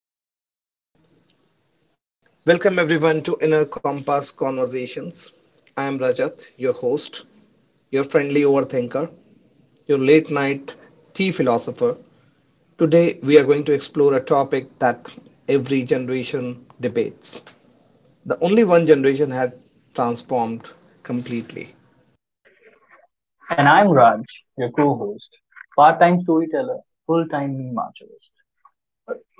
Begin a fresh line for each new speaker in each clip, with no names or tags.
Welcome everyone. Welcome everyone to Inner Compass Conversations. I am Rajat, your host, your friendly overthinker, your late night tea philosopher. Today we are going to explore a topic that every generation debates. The only one generation had transformed completely.
And I'm Raj, your co host, part time storyteller, full time meme archivist,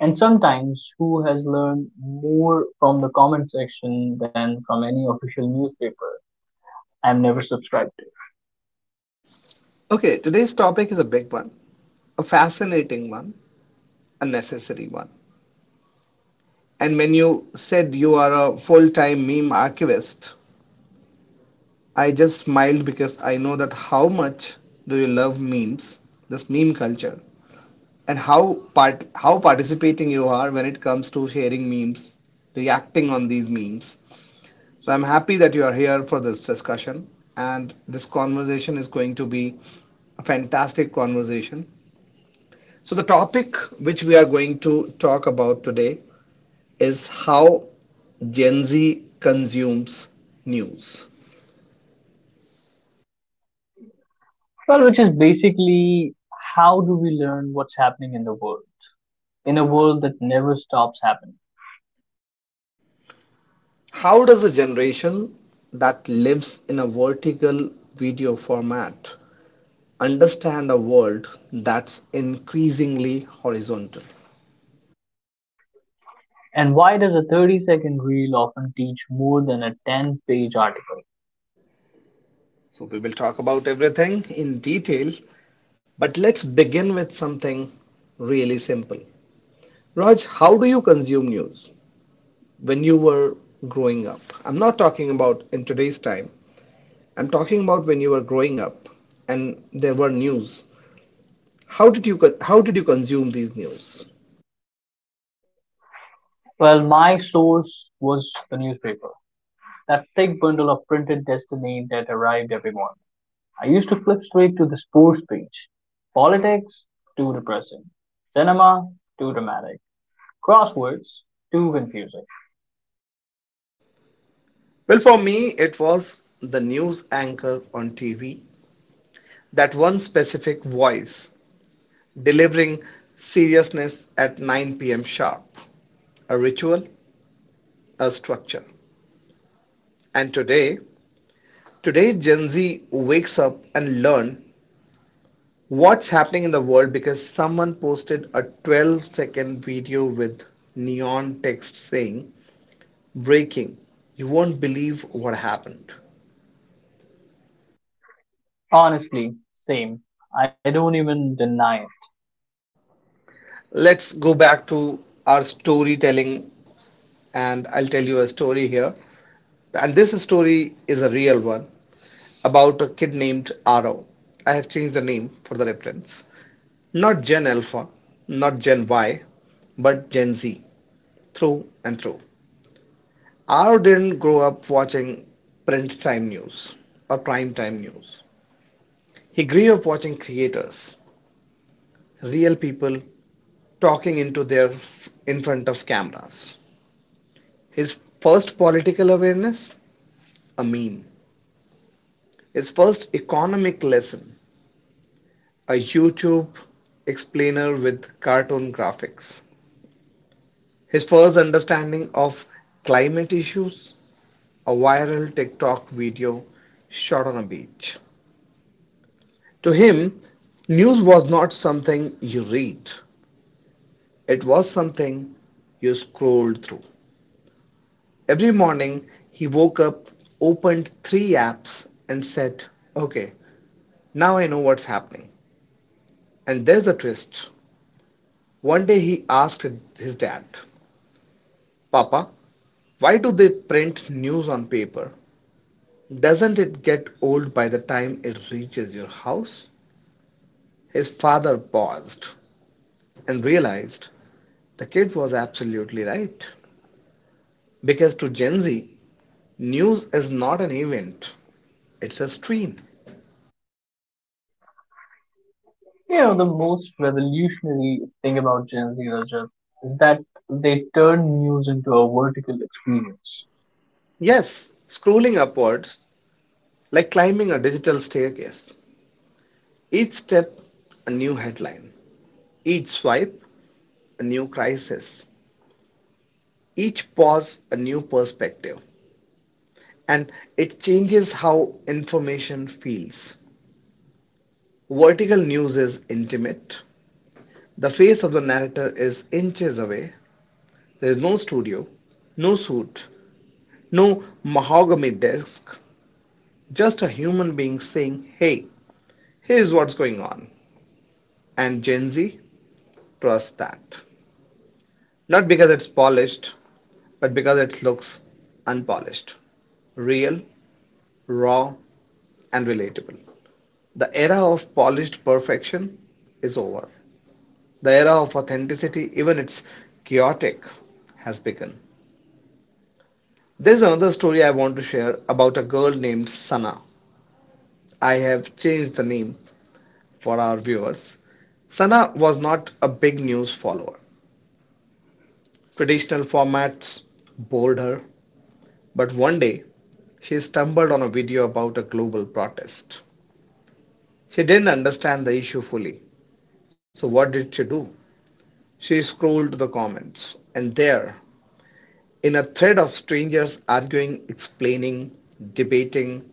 and sometimes who has learned more from the comment section than from any official newspaper I've never subscribed to.
Okay, today's topic is a big one, a fascinating one, a necessary one. And when you said you are a full-time meme archivist, I just smiled because I know that how much do you love memes, this meme culture, and how participating you are when it comes to sharing memes, reacting on these memes. So I'm happy that you are here for this discussion, and this conversation is going to be a fantastic conversation. So the topic which we are going to talk about today is how Gen Z consumes news.
Well, which is basically how do we learn what's happening in the world, in a world that never stops happening?
How does a generation that lives in a vertical video format understand a world that's increasingly horizontal?
And why does a 30-second reel often teach more than a 10-page article?
So, we will talk about everything in detail, but let's begin with something really simple. Raj, how do you consume news when you were growing up? I'm not talking about in today's time, I'm talking about when you were growing up and there were news. How did you consume these news?
Well, my source was the newspaper. That thick bundle of printed destiny that arrived every morning. I used to flip straight to the sports page. Politics, too depressing. Cinema, too dramatic. Crosswords, too confusing.
Well, for me, it was the news anchor on TV, that one specific voice delivering seriousness at 9 p.m. sharp, a ritual, a structure. And today Gen Z wakes up and learn what's happening in the world because someone posted a 12-second video with neon text saying, breaking, you won't believe what happened.
Honestly, same. I don't even deny it.
Let's go back to our storytelling and I'll tell you a story here. And this story is a real one about a kid named Aro. I have changed the name for the reference. Not Gen Alpha, not Gen Y, but Gen Z, through and through. Aro didn't grow up watching print time news or prime time news. He grew up watching creators, real people talking into their in front of cameras. His first political awareness, a meme. His first economic lesson, a YouTube explainer with cartoon graphics. His first understanding of climate issues, a viral TikTok video shot on a beach. To him, news was not something you read, it was something you scrolled through. Every morning, he woke up, opened 3 apps, and said, okay, now I know what's happening. And there's a twist. One day he asked his dad, "Papa, why do they print news on paper? Doesn't it get old by the time it reaches your house?" His father paused and realized the kid was absolutely right. Because to Gen Z, news is not an event, it's a stream.
You know, the most revolutionary thing about Gen Z, Rajat, is that they turn news into a vertical experience.
Yes, scrolling upwards, like climbing a digital staircase. Each step, a new headline. Each swipe, a new crisis. Each pause, a new perspective. And it changes how information feels. Vertical news is intimate. The face of the narrator is inches away. There is no studio, no suit, no mahogany desk, just a human being saying, "Hey, here's what's going on." And Gen Z trusts that. Not because it's polished, but because it looks unpolished, real, raw, and relatable. The era of polished perfection is over. The era of authenticity, even it's chaotic, has begun. There's another story I want to share about a girl named Sana. I have changed the name for our viewers. Sana was not a big news follower. Traditional formats bored her, but one day she stumbled on a video about a global protest. She didn't understand the issue fully. So, what did she do? She scrolled to the comments, and there in a thread of strangers arguing, explaining, debating,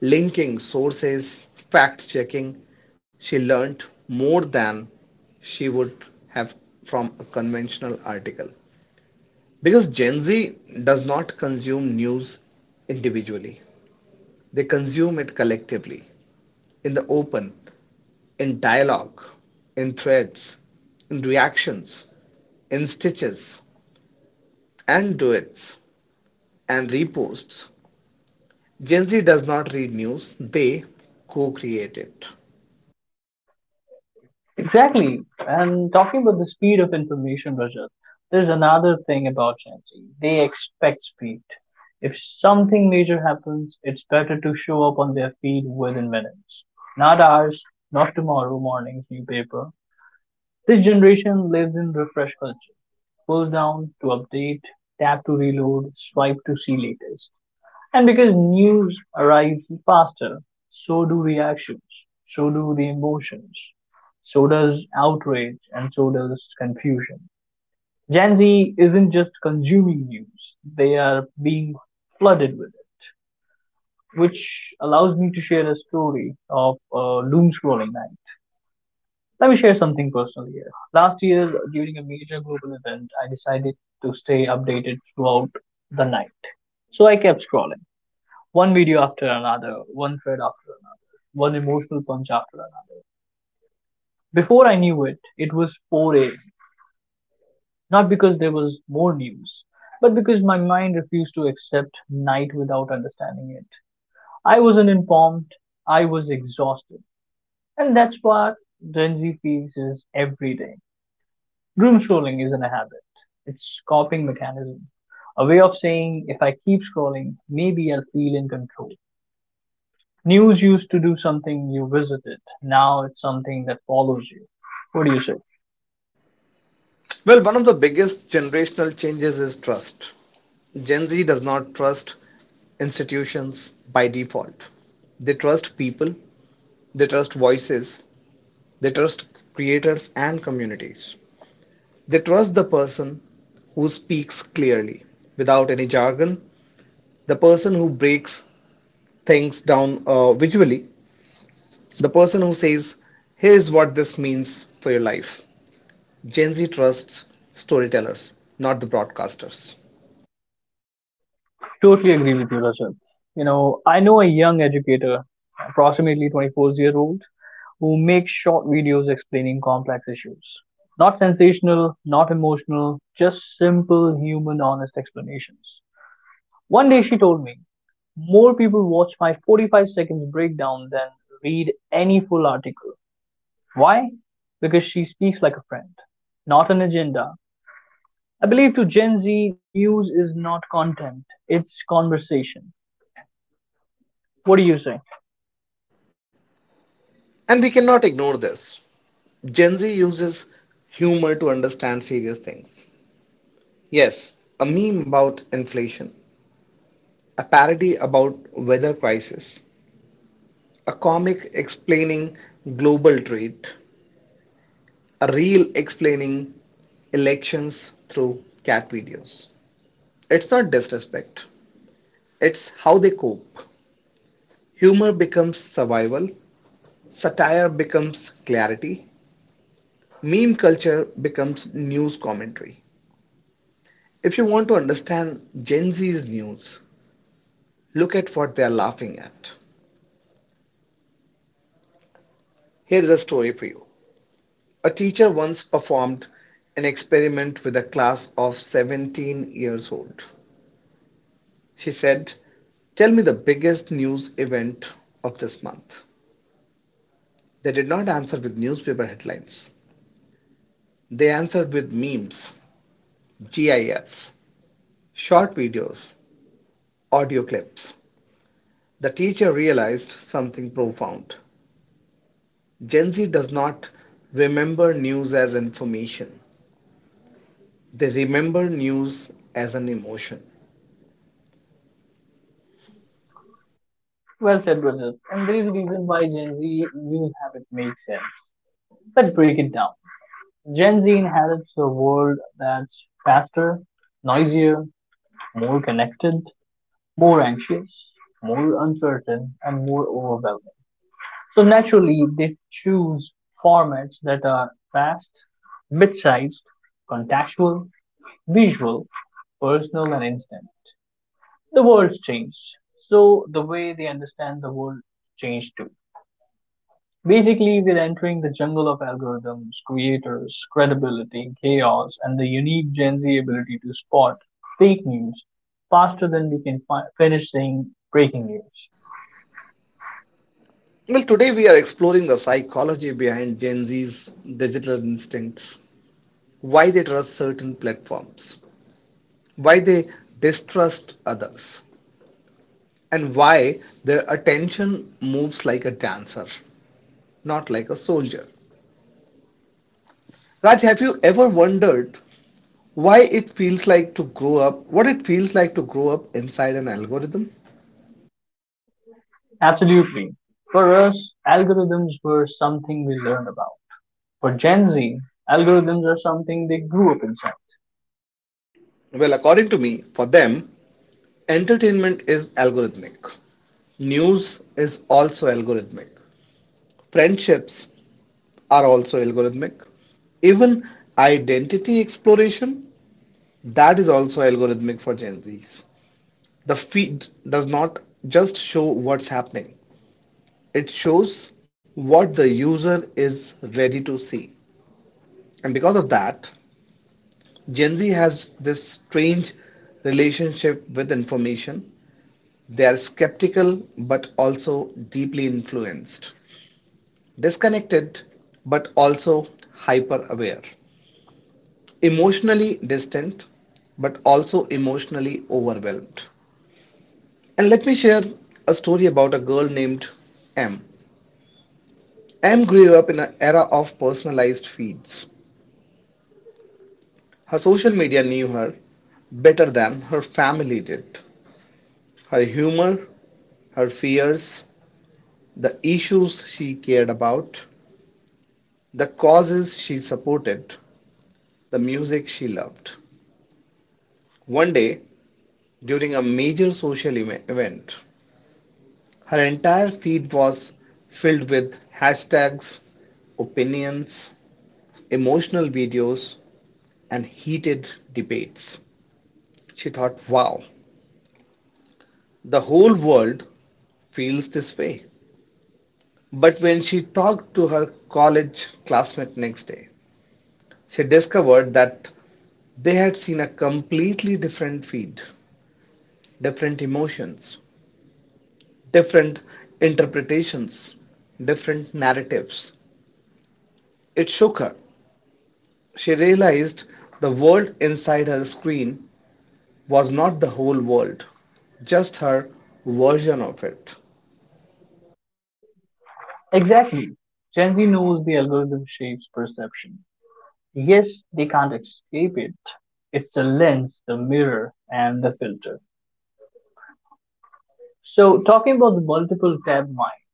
linking sources, fact checking, she learnt more than she would have from a conventional article. Because Gen Z does not consume news individually, they consume it collectively, in the open, in dialogue, in threads, in reactions, in stitches, and duets, and reposts. Gen Z does not read news, they co create it.
Exactly. And talking about the speed of information, Rajat, there's another thing about Gen Z. They expect speed. If something major happens, it's better to show up on their feed within minutes. Not hours, not tomorrow morning's newspaper. This generation lives in refresh culture. Pulls down to update, tap to reload, swipe to see latest. And because news arrives faster, so do reactions, so do the emotions, so does outrage, and so does confusion. Gen Z isn't just consuming news, they are being flooded with it, which allows me to share a story of a doom scrolling night. Let me share something personal here. Last year, during a major global event, I decided to stay updated throughout the night. So I kept scrolling. One video after another, one thread after another, one emotional punch after another. Before I knew it, it was 4 a.m. Not because there was more news, but because my mind refused to accept night without understanding it. I wasn't informed, I was exhausted. And that's what Gen Z feels is every day. Doom scrolling isn't a habit, it's a coping mechanism. A way of saying if I keep scrolling, maybe I'll feel in control. News used to do something you visited. Now it's something that follows you. What do you say?
Well, one of the biggest generational changes is trust. Gen Z does not trust institutions by default. They trust people, they trust voices, they trust creators and communities. They trust the person who speaks clearly without any jargon, the person who breaks things down visually, the person who says, "Here's what this means for your life." Gen Z trusts storytellers, not the broadcasters.
Totally agree with you, Russell. You know, I know a young educator, approximately 24-year-old, who makes short videos explaining complex issues. Not sensational, not emotional, just simple, human, honest explanations. One day she told me, more people watch my 45 seconds breakdown than read any full article. Why? Because she speaks like a friend, not an agenda. I believe to Gen Z, news is not content, it's conversation. What do you say?
And we cannot ignore this. Gen Z uses humor to understand serious things. Yes, a meme about inflation, a parody about weather crisis, a comic explaining global trade, a reel explaining elections through cat videos. It's not disrespect, it's how they cope. Humor becomes survival, satire becomes clarity, meme culture becomes news commentary. If you want to understand Gen Z's news, look at what they are laughing at. Here is a story for you. A teacher once performed an experiment with a class of 17 years old. She said, "Tell me the biggest news event of this month." They did not answer with newspaper headlines. They answered with memes, GIFs, short videos, audio clips. The teacher realized something profound. Gen Z does not remember news as information. They remember news as an emotion.
Well said, Rajat. And there is a reason why Gen Z news habit makes sense. Let's break it down. Gen Z inherits a world that's faster, noisier, more connected, more anxious, more uncertain, and more overwhelming. So naturally, they choose formats that are fast, bite sized contextual, visual, personal, and instant. The world's changed. So the way they understand the world changed too. Basically, we're entering the jungle of algorithms, creators, credibility, chaos, and the unique Gen Z ability to spot fake news faster than we can finish saying breaking news.
Well, today we are exploring the psychology behind Gen Z's digital instincts, why they trust certain platforms, why they distrust others, and why their attention moves like a dancer, not like a soldier. Raj, have you ever wondered why it feels like to grow up, what it feels like to grow up inside an algorithm?
Absolutely. For us, algorithms were something we learned about. For Gen Z, algorithms are something they grew up inside.
Well, according to me, for them, entertainment is algorithmic. News is also algorithmic. Friendships are also algorithmic. Even identity exploration, that is also algorithmic for Gen Zs. The feed does not just show what's happening, it shows what the user is ready to see. And because of that, Gen Z has this strange relationship with information. They are skeptical but also deeply influenced, disconnected but also hyper aware, emotionally distant but also emotionally overwhelmed. And let me share a story about a girl named M. M grew up in an era of personalized feeds. Her social media knew her better than her family did. Her humor, her fears, the issues she cared about, the causes she supported, the music she loved. One day, during a major social event, her entire feed was filled with hashtags, opinions, emotional videos, and heated debates. She thought, "Wow, the whole world feels this way." But when she talked to her college classmate next day, she discovered that they had seen a completely different feed, different emotions, different interpretations, different narratives. It shook her. She realized the world inside her screen was not the whole world, just her version of it.
Exactly. Gen Z knows the algorithm shapes perception. Yes, they can't escape it. It's the lens, the mirror, and the filter. So, talking about the multiple tab mind,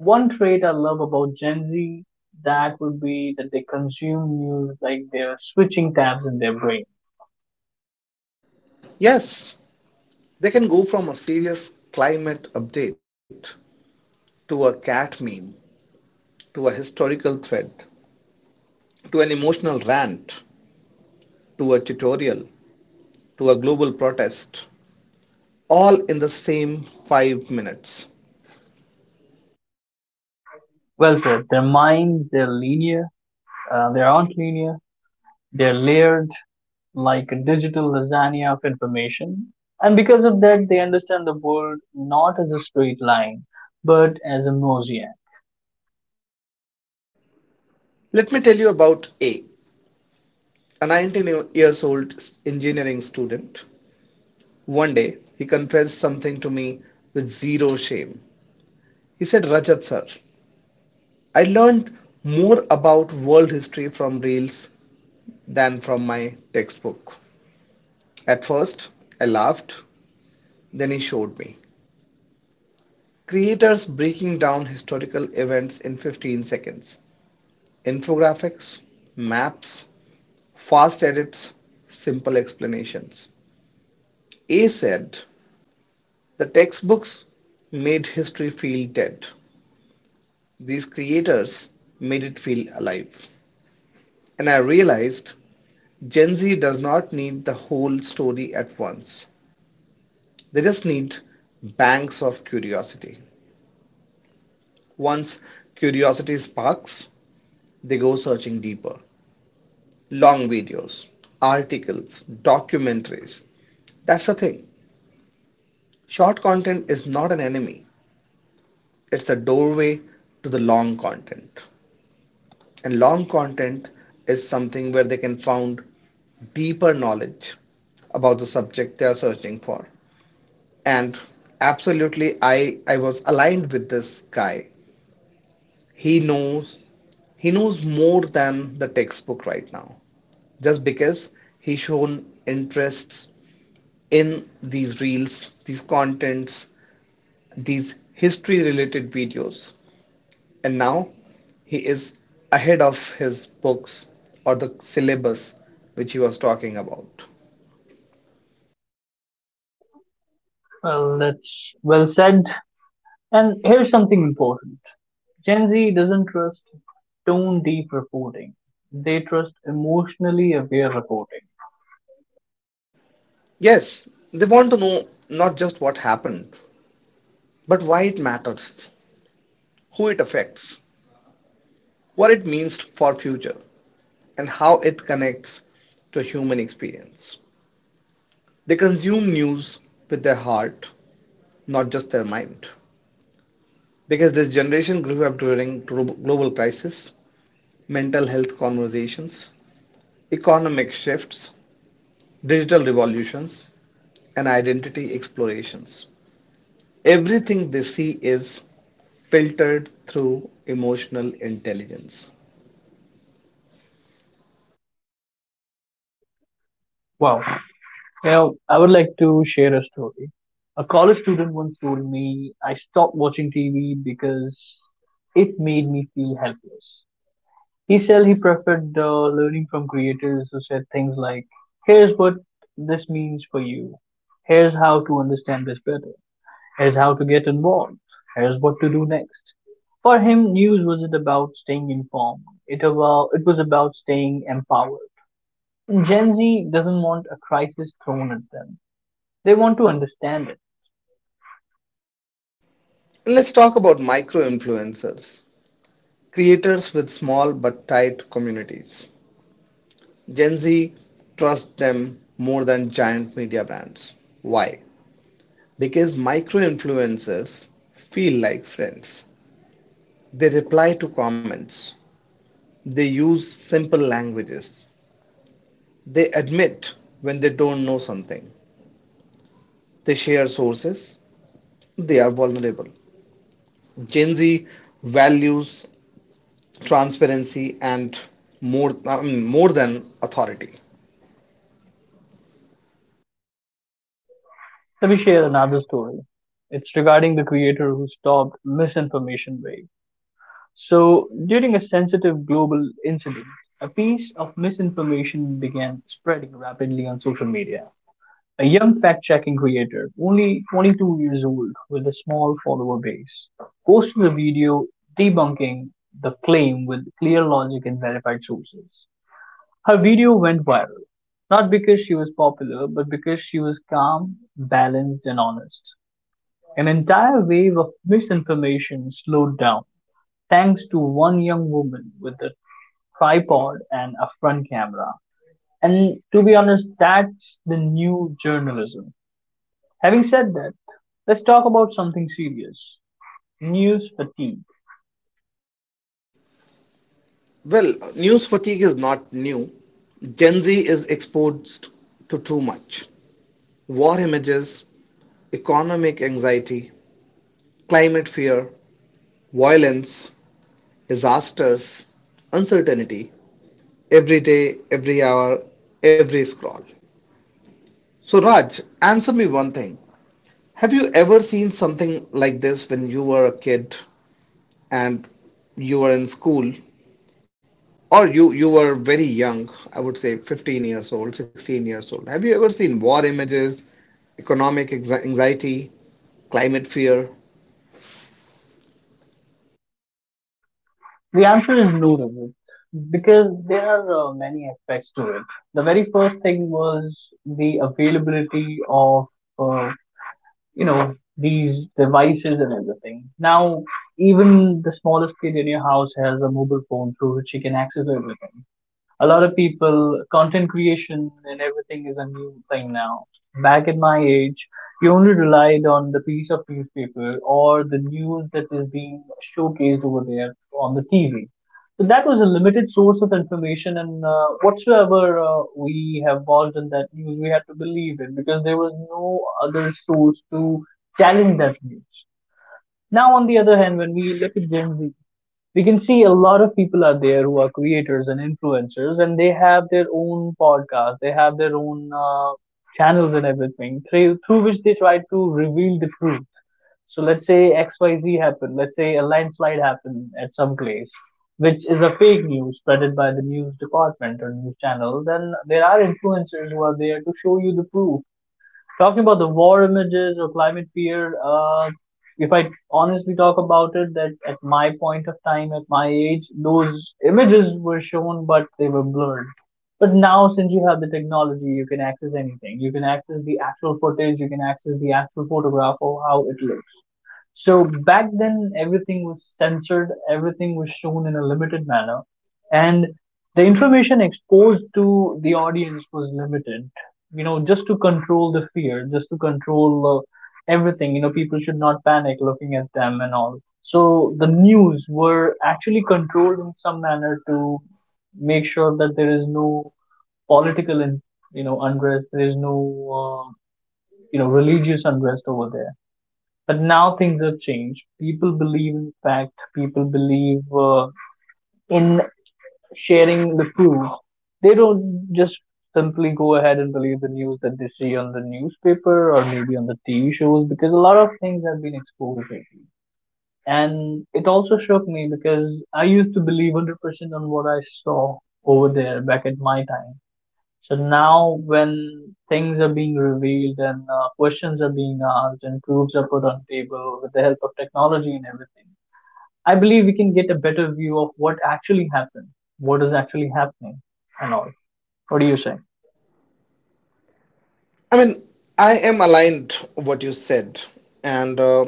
one trait I love about Gen Z, that would be that they consume news like they're switching tabs in their brain.
Yes, they can go from a serious climate update to a cat meme, to a historical thread, to an emotional rant, to a tutorial, to a global protest, all in the same 5 minutes.
Well said. Their minds, they're linear, they aren't linear. They're layered like a digital lasagna of information, and because of that, they understand the world not as a straight line, but as a mosaic.
Let me tell you about A. A 19 years old engineering student. One day, he confessed something to me with zero shame. He said, "Rajat sir, I learned more about world history from reels than from my textbook." At first, I laughed, then he showed me. Creators breaking down historical events in 15 seconds. Infographics, maps, fast edits, simple explanations. A said, "The textbooks made history feel dead. These creators made it feel alive." And I realized Gen Z does not need the whole story at once. They just need banks of curiosity. Once curiosity sparks, they go searching deeper. Long videos, articles, documentaries. That's the thing. Short content is not an enemy, it's a doorway to the long content. And long content is something where they can find deeper knowledge about the subject they are searching for. And absolutely I was aligned with this guy. He knows he knows more than the textbook right now. Just because he shown interests in these reels, these contents, these history related videos. And now he is ahead of his books or the syllabus which he was talking about.
Well, that's well said. And here's something important. Gen Z doesn't trust tone deep reporting, they trust emotionally aware reporting.
Yes, they want to know not just what happened, but why it matters, who it affects, what it means for future, and how it connects to human experience. They consume news with their heart, not just their mind. Because this generation grew up during global crisis, mental health conversations, economic shifts, digital revolutions, and identity explorations. Everything they see is filtered through emotional intelligence.
Wow. Now, I would like to share a story. A college student once told me I stopped watching TV because it made me feel helpless. He said he preferred learning from creators who said things like, here's what this means for you, here's how to understand this better. Here's how to get involved. Here's what to do next. For him, news wasn't about staying informed. It was about staying empowered. Gen Z doesn't want a crisis thrown at them. They want to understand it.
Let's talk about micro influencers, creators with small but tight communities. Gen Z trusts them more than giant media brands. Why? Because micro influencers feel like friends. They reply to comments. They use simple languages. They admit when they don't know something. They share sources. They are vulnerable. Gen Z values transparency and more I mean, more than authority.
Let me share another story. It's regarding the creator who stopped misinformation wave. So, during a sensitive global incident, a piece of misinformation began spreading rapidly on social media. A young fact-checking creator, only 22 years old, with a small follower base, posted a video debunking the claim with clear logic and verified sources. Her video went viral, not because she was popular, but because she was calm, balanced, and honest. An entire wave of misinformation slowed down thanks to one young woman with a tripod and a front camera. And to be honest, that's the new journalism. Having said that, let's talk about something serious: news fatigue.
Well, news fatigue is not new. Gen Z is exposed to too much. War images, economic anxiety, climate fear, violence, disasters, uncertainty, every day, every hour, every scroll. So, Raj, answer me one thing. Have you ever seen something like this when you were a kid and you were in school or you were very young, I would say 15 years old, 16 years old. Have you ever seen war images, economic anxiety, climate fear?
The answer is no, Rajat, because there are many aspects to it. The very first thing was the availability of, uh, you know, these devices and everything. Now, even the smallest kid in your house has a mobile phone through which he can access everything. A lot of people content creation and everything is a new thing now. Back in my age, you only relied on the piece of newspaper or the news that is being showcased over there on the TV. So that was a limited source of information, and whatsoever we have involved in that news, we had to believe it because there was no other source to challenge that news. Now on the other hand, when we look at Gen Z, we can see a lot of people are there who are creators and influencers, and they have their own podcast, they have their own channels and everything through which they try to reveal the truth. So let's say XYZ happened, let's say a landslide happened at some place which is a fake news spreaded by the news department or news channel, then there are influencers who are there to show you the proof. Talking about the war images or climate fear, if I honestly talk about it, that at my point of time, at my age, those images were shown, but they were blurred. But now, since you have the technology, you can access anything. You can access the actual footage, you can access the actual photograph of how it looks. So back then, everything was censored, everything was shown in a limited manner, and the information exposed to the audience was limited. You know, just to control the fear, just to control everything. You know, people should not panic looking at them and all. So the news were actually controlled in some manner to make sure that there is no political, in, you know, unrest. There is no, uh, you know, religious unrest over there. But now things have changed. People believe in fact. People believe in sharing the proof. They don't just simply go ahead and believe the news that they see on the newspaper or maybe on the TV shows because a lot of things have been exposed lately. And it also shook me because I used to believe 100% on what I saw over there back at my time. So now, when things are being revealed and questions are being asked and proofs are put on table with the help of technology and everything, I believe we can get a better view of what actually happened, what is actually happening, and all. What do you say?
I mean, I am aligned what you said and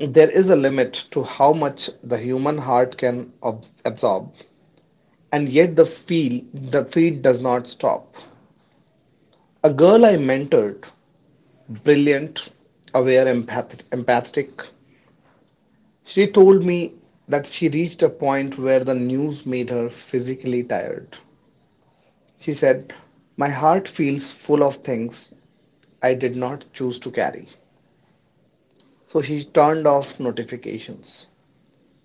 there is a limit to how much the human heart can absorb. And yet the feed does not stop. A girl I mentored, brilliant, aware, empathetic. She told me that she reached a point where the news made her physically tired. She said, "My heart feels full of things I did not choose to carry." So she turned off notifications,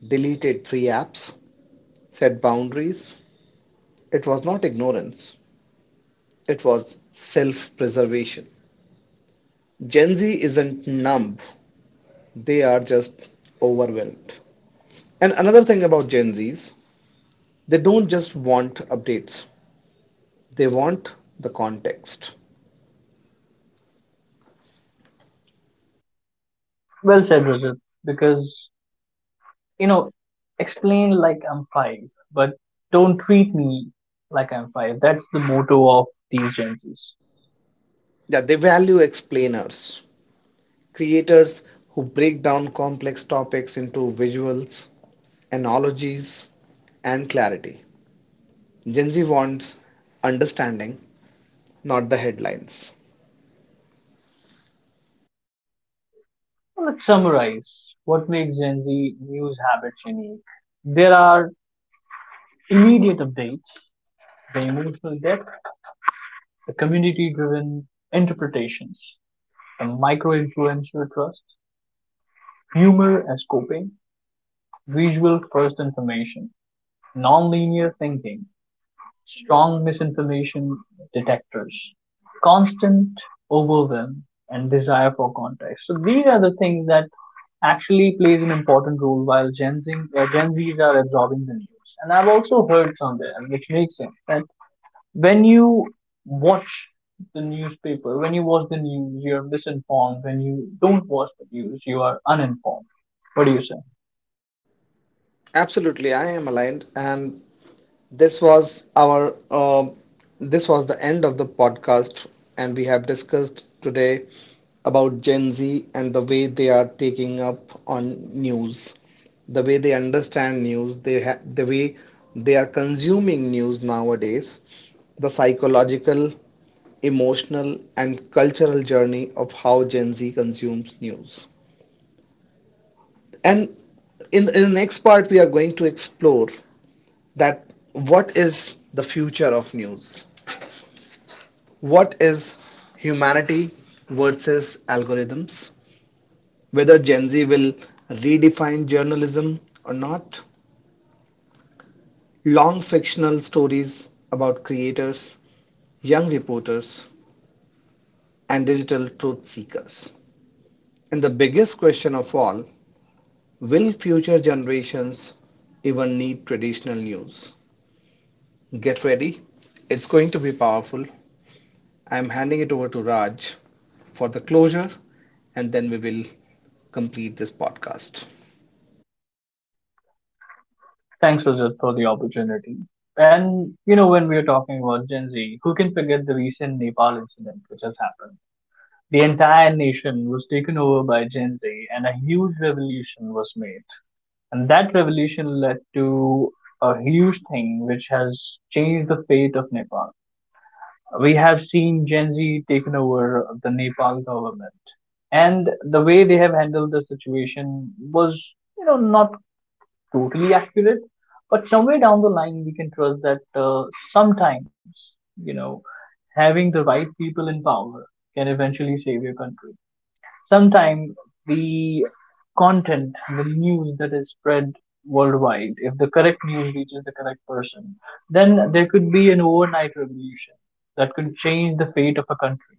deleted 3 apps, set boundaries. It was not ignorance, it was self preservation. Gen Z isn't numb, they are just overwhelmed. And another thing about Gen Zs, they don't just want updates, they want the context.
Well said, Rajat. Because you know, explain like I'm five, but don't treat me like I'm five. That's the motto of these Gen Zs.
Yeah, they value explainers, creators who break down complex topics into visuals, analogies, and clarity. Gen Z wants understanding, not the headlines.
Well, let's summarize what makes Gen Z news habits unique. There are immediate updates, the emotional depth, the community driven interpretations, the micro influencer trust, humor as coping, visual first information, non-linear thinking, strong misinformation detectors, constant overwhelm, and desire for context. So these are the things that actually plays an important role while Gen Zs are absorbing the news. And I've also heard somewhere, which makes sense, that when you watch the newspaper, when you watch the news, you're misinformed. When you don't watch the news, you are uninformed. What do you say?
Absolutely, I am aligned, and This was our uh, this was the end of the podcast, and we have discussed today about Gen Z and the way they are taking up on news, the way they understand news, the way they are consuming news nowadays, the psychological, emotional, and cultural journey of how Gen Z consumes news. And in the next part, we are going to explore that what is the future of news? What is humanity versus algorithms? Whether Gen Z will redefine journalism or not? Long fictional stories about creators, young reporters, and digital truth seekers. And the biggest question of all, will future generations even need traditional news? Get ready, it's going to be powerful. I'm handing it over to Raj for the closure, and then we will complete this podcast.
Thanks, Rajat, for the opportunity. And you know, when we are talking about Gen Z, who can forget the recent Nepal incident which has happened? The entire nation was taken over by Gen Z, and a huge revolution was made. And that revolution led to a huge thing which has changed the fate of Nepal. We have seen Gen Z taken over the Nepal government, and the way they have handled the situation was, you know, not totally accurate. But somewhere down the line, we can trust that sometimes, you know, having the right people in power can eventually save your country. Sometimes the content, the news that is spread worldwide, if the correct news reaches the correct person, then there could be an overnight revolution that could change the fate of a country.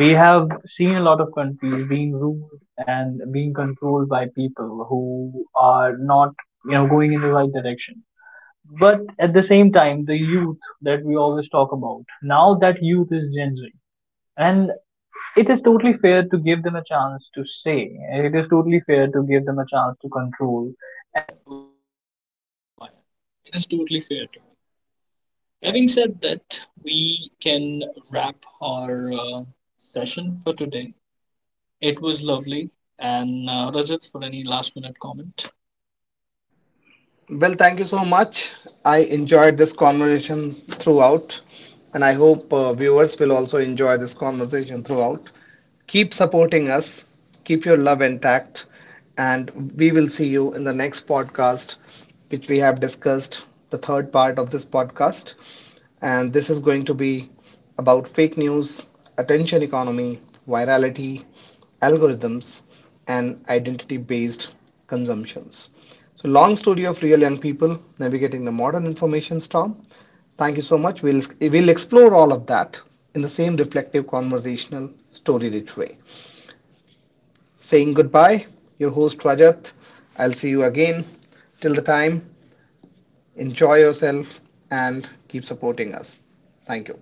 We have seen a lot of countries being ruled and being controlled by people who are not, you know, going in the right direction. But at the same time, the youth that we always talk about, now that youth is Gen Z. And it is totally fair to give them a chance to say. It is totally fair to give them a chance to control.
Well, thank you so much. I enjoyed this conversation throughout, and I hope viewers will also enjoy this conversation throughout. Keep supporting us, keep your love intact, and we will see you in the next podcast, which we have discussed the third part of this podcast. And this is going to be about fake news, attention economy, virality, algorithms, and identity based consumptions. So long story of real young people navigating the modern information storm. Thank you so much. We'll explore all of that in the same reflective, conversational, story rich way. Saying goodbye, your host Rajat. I'll see you again. Till the time, enjoy yourself and keep supporting us. Thank you.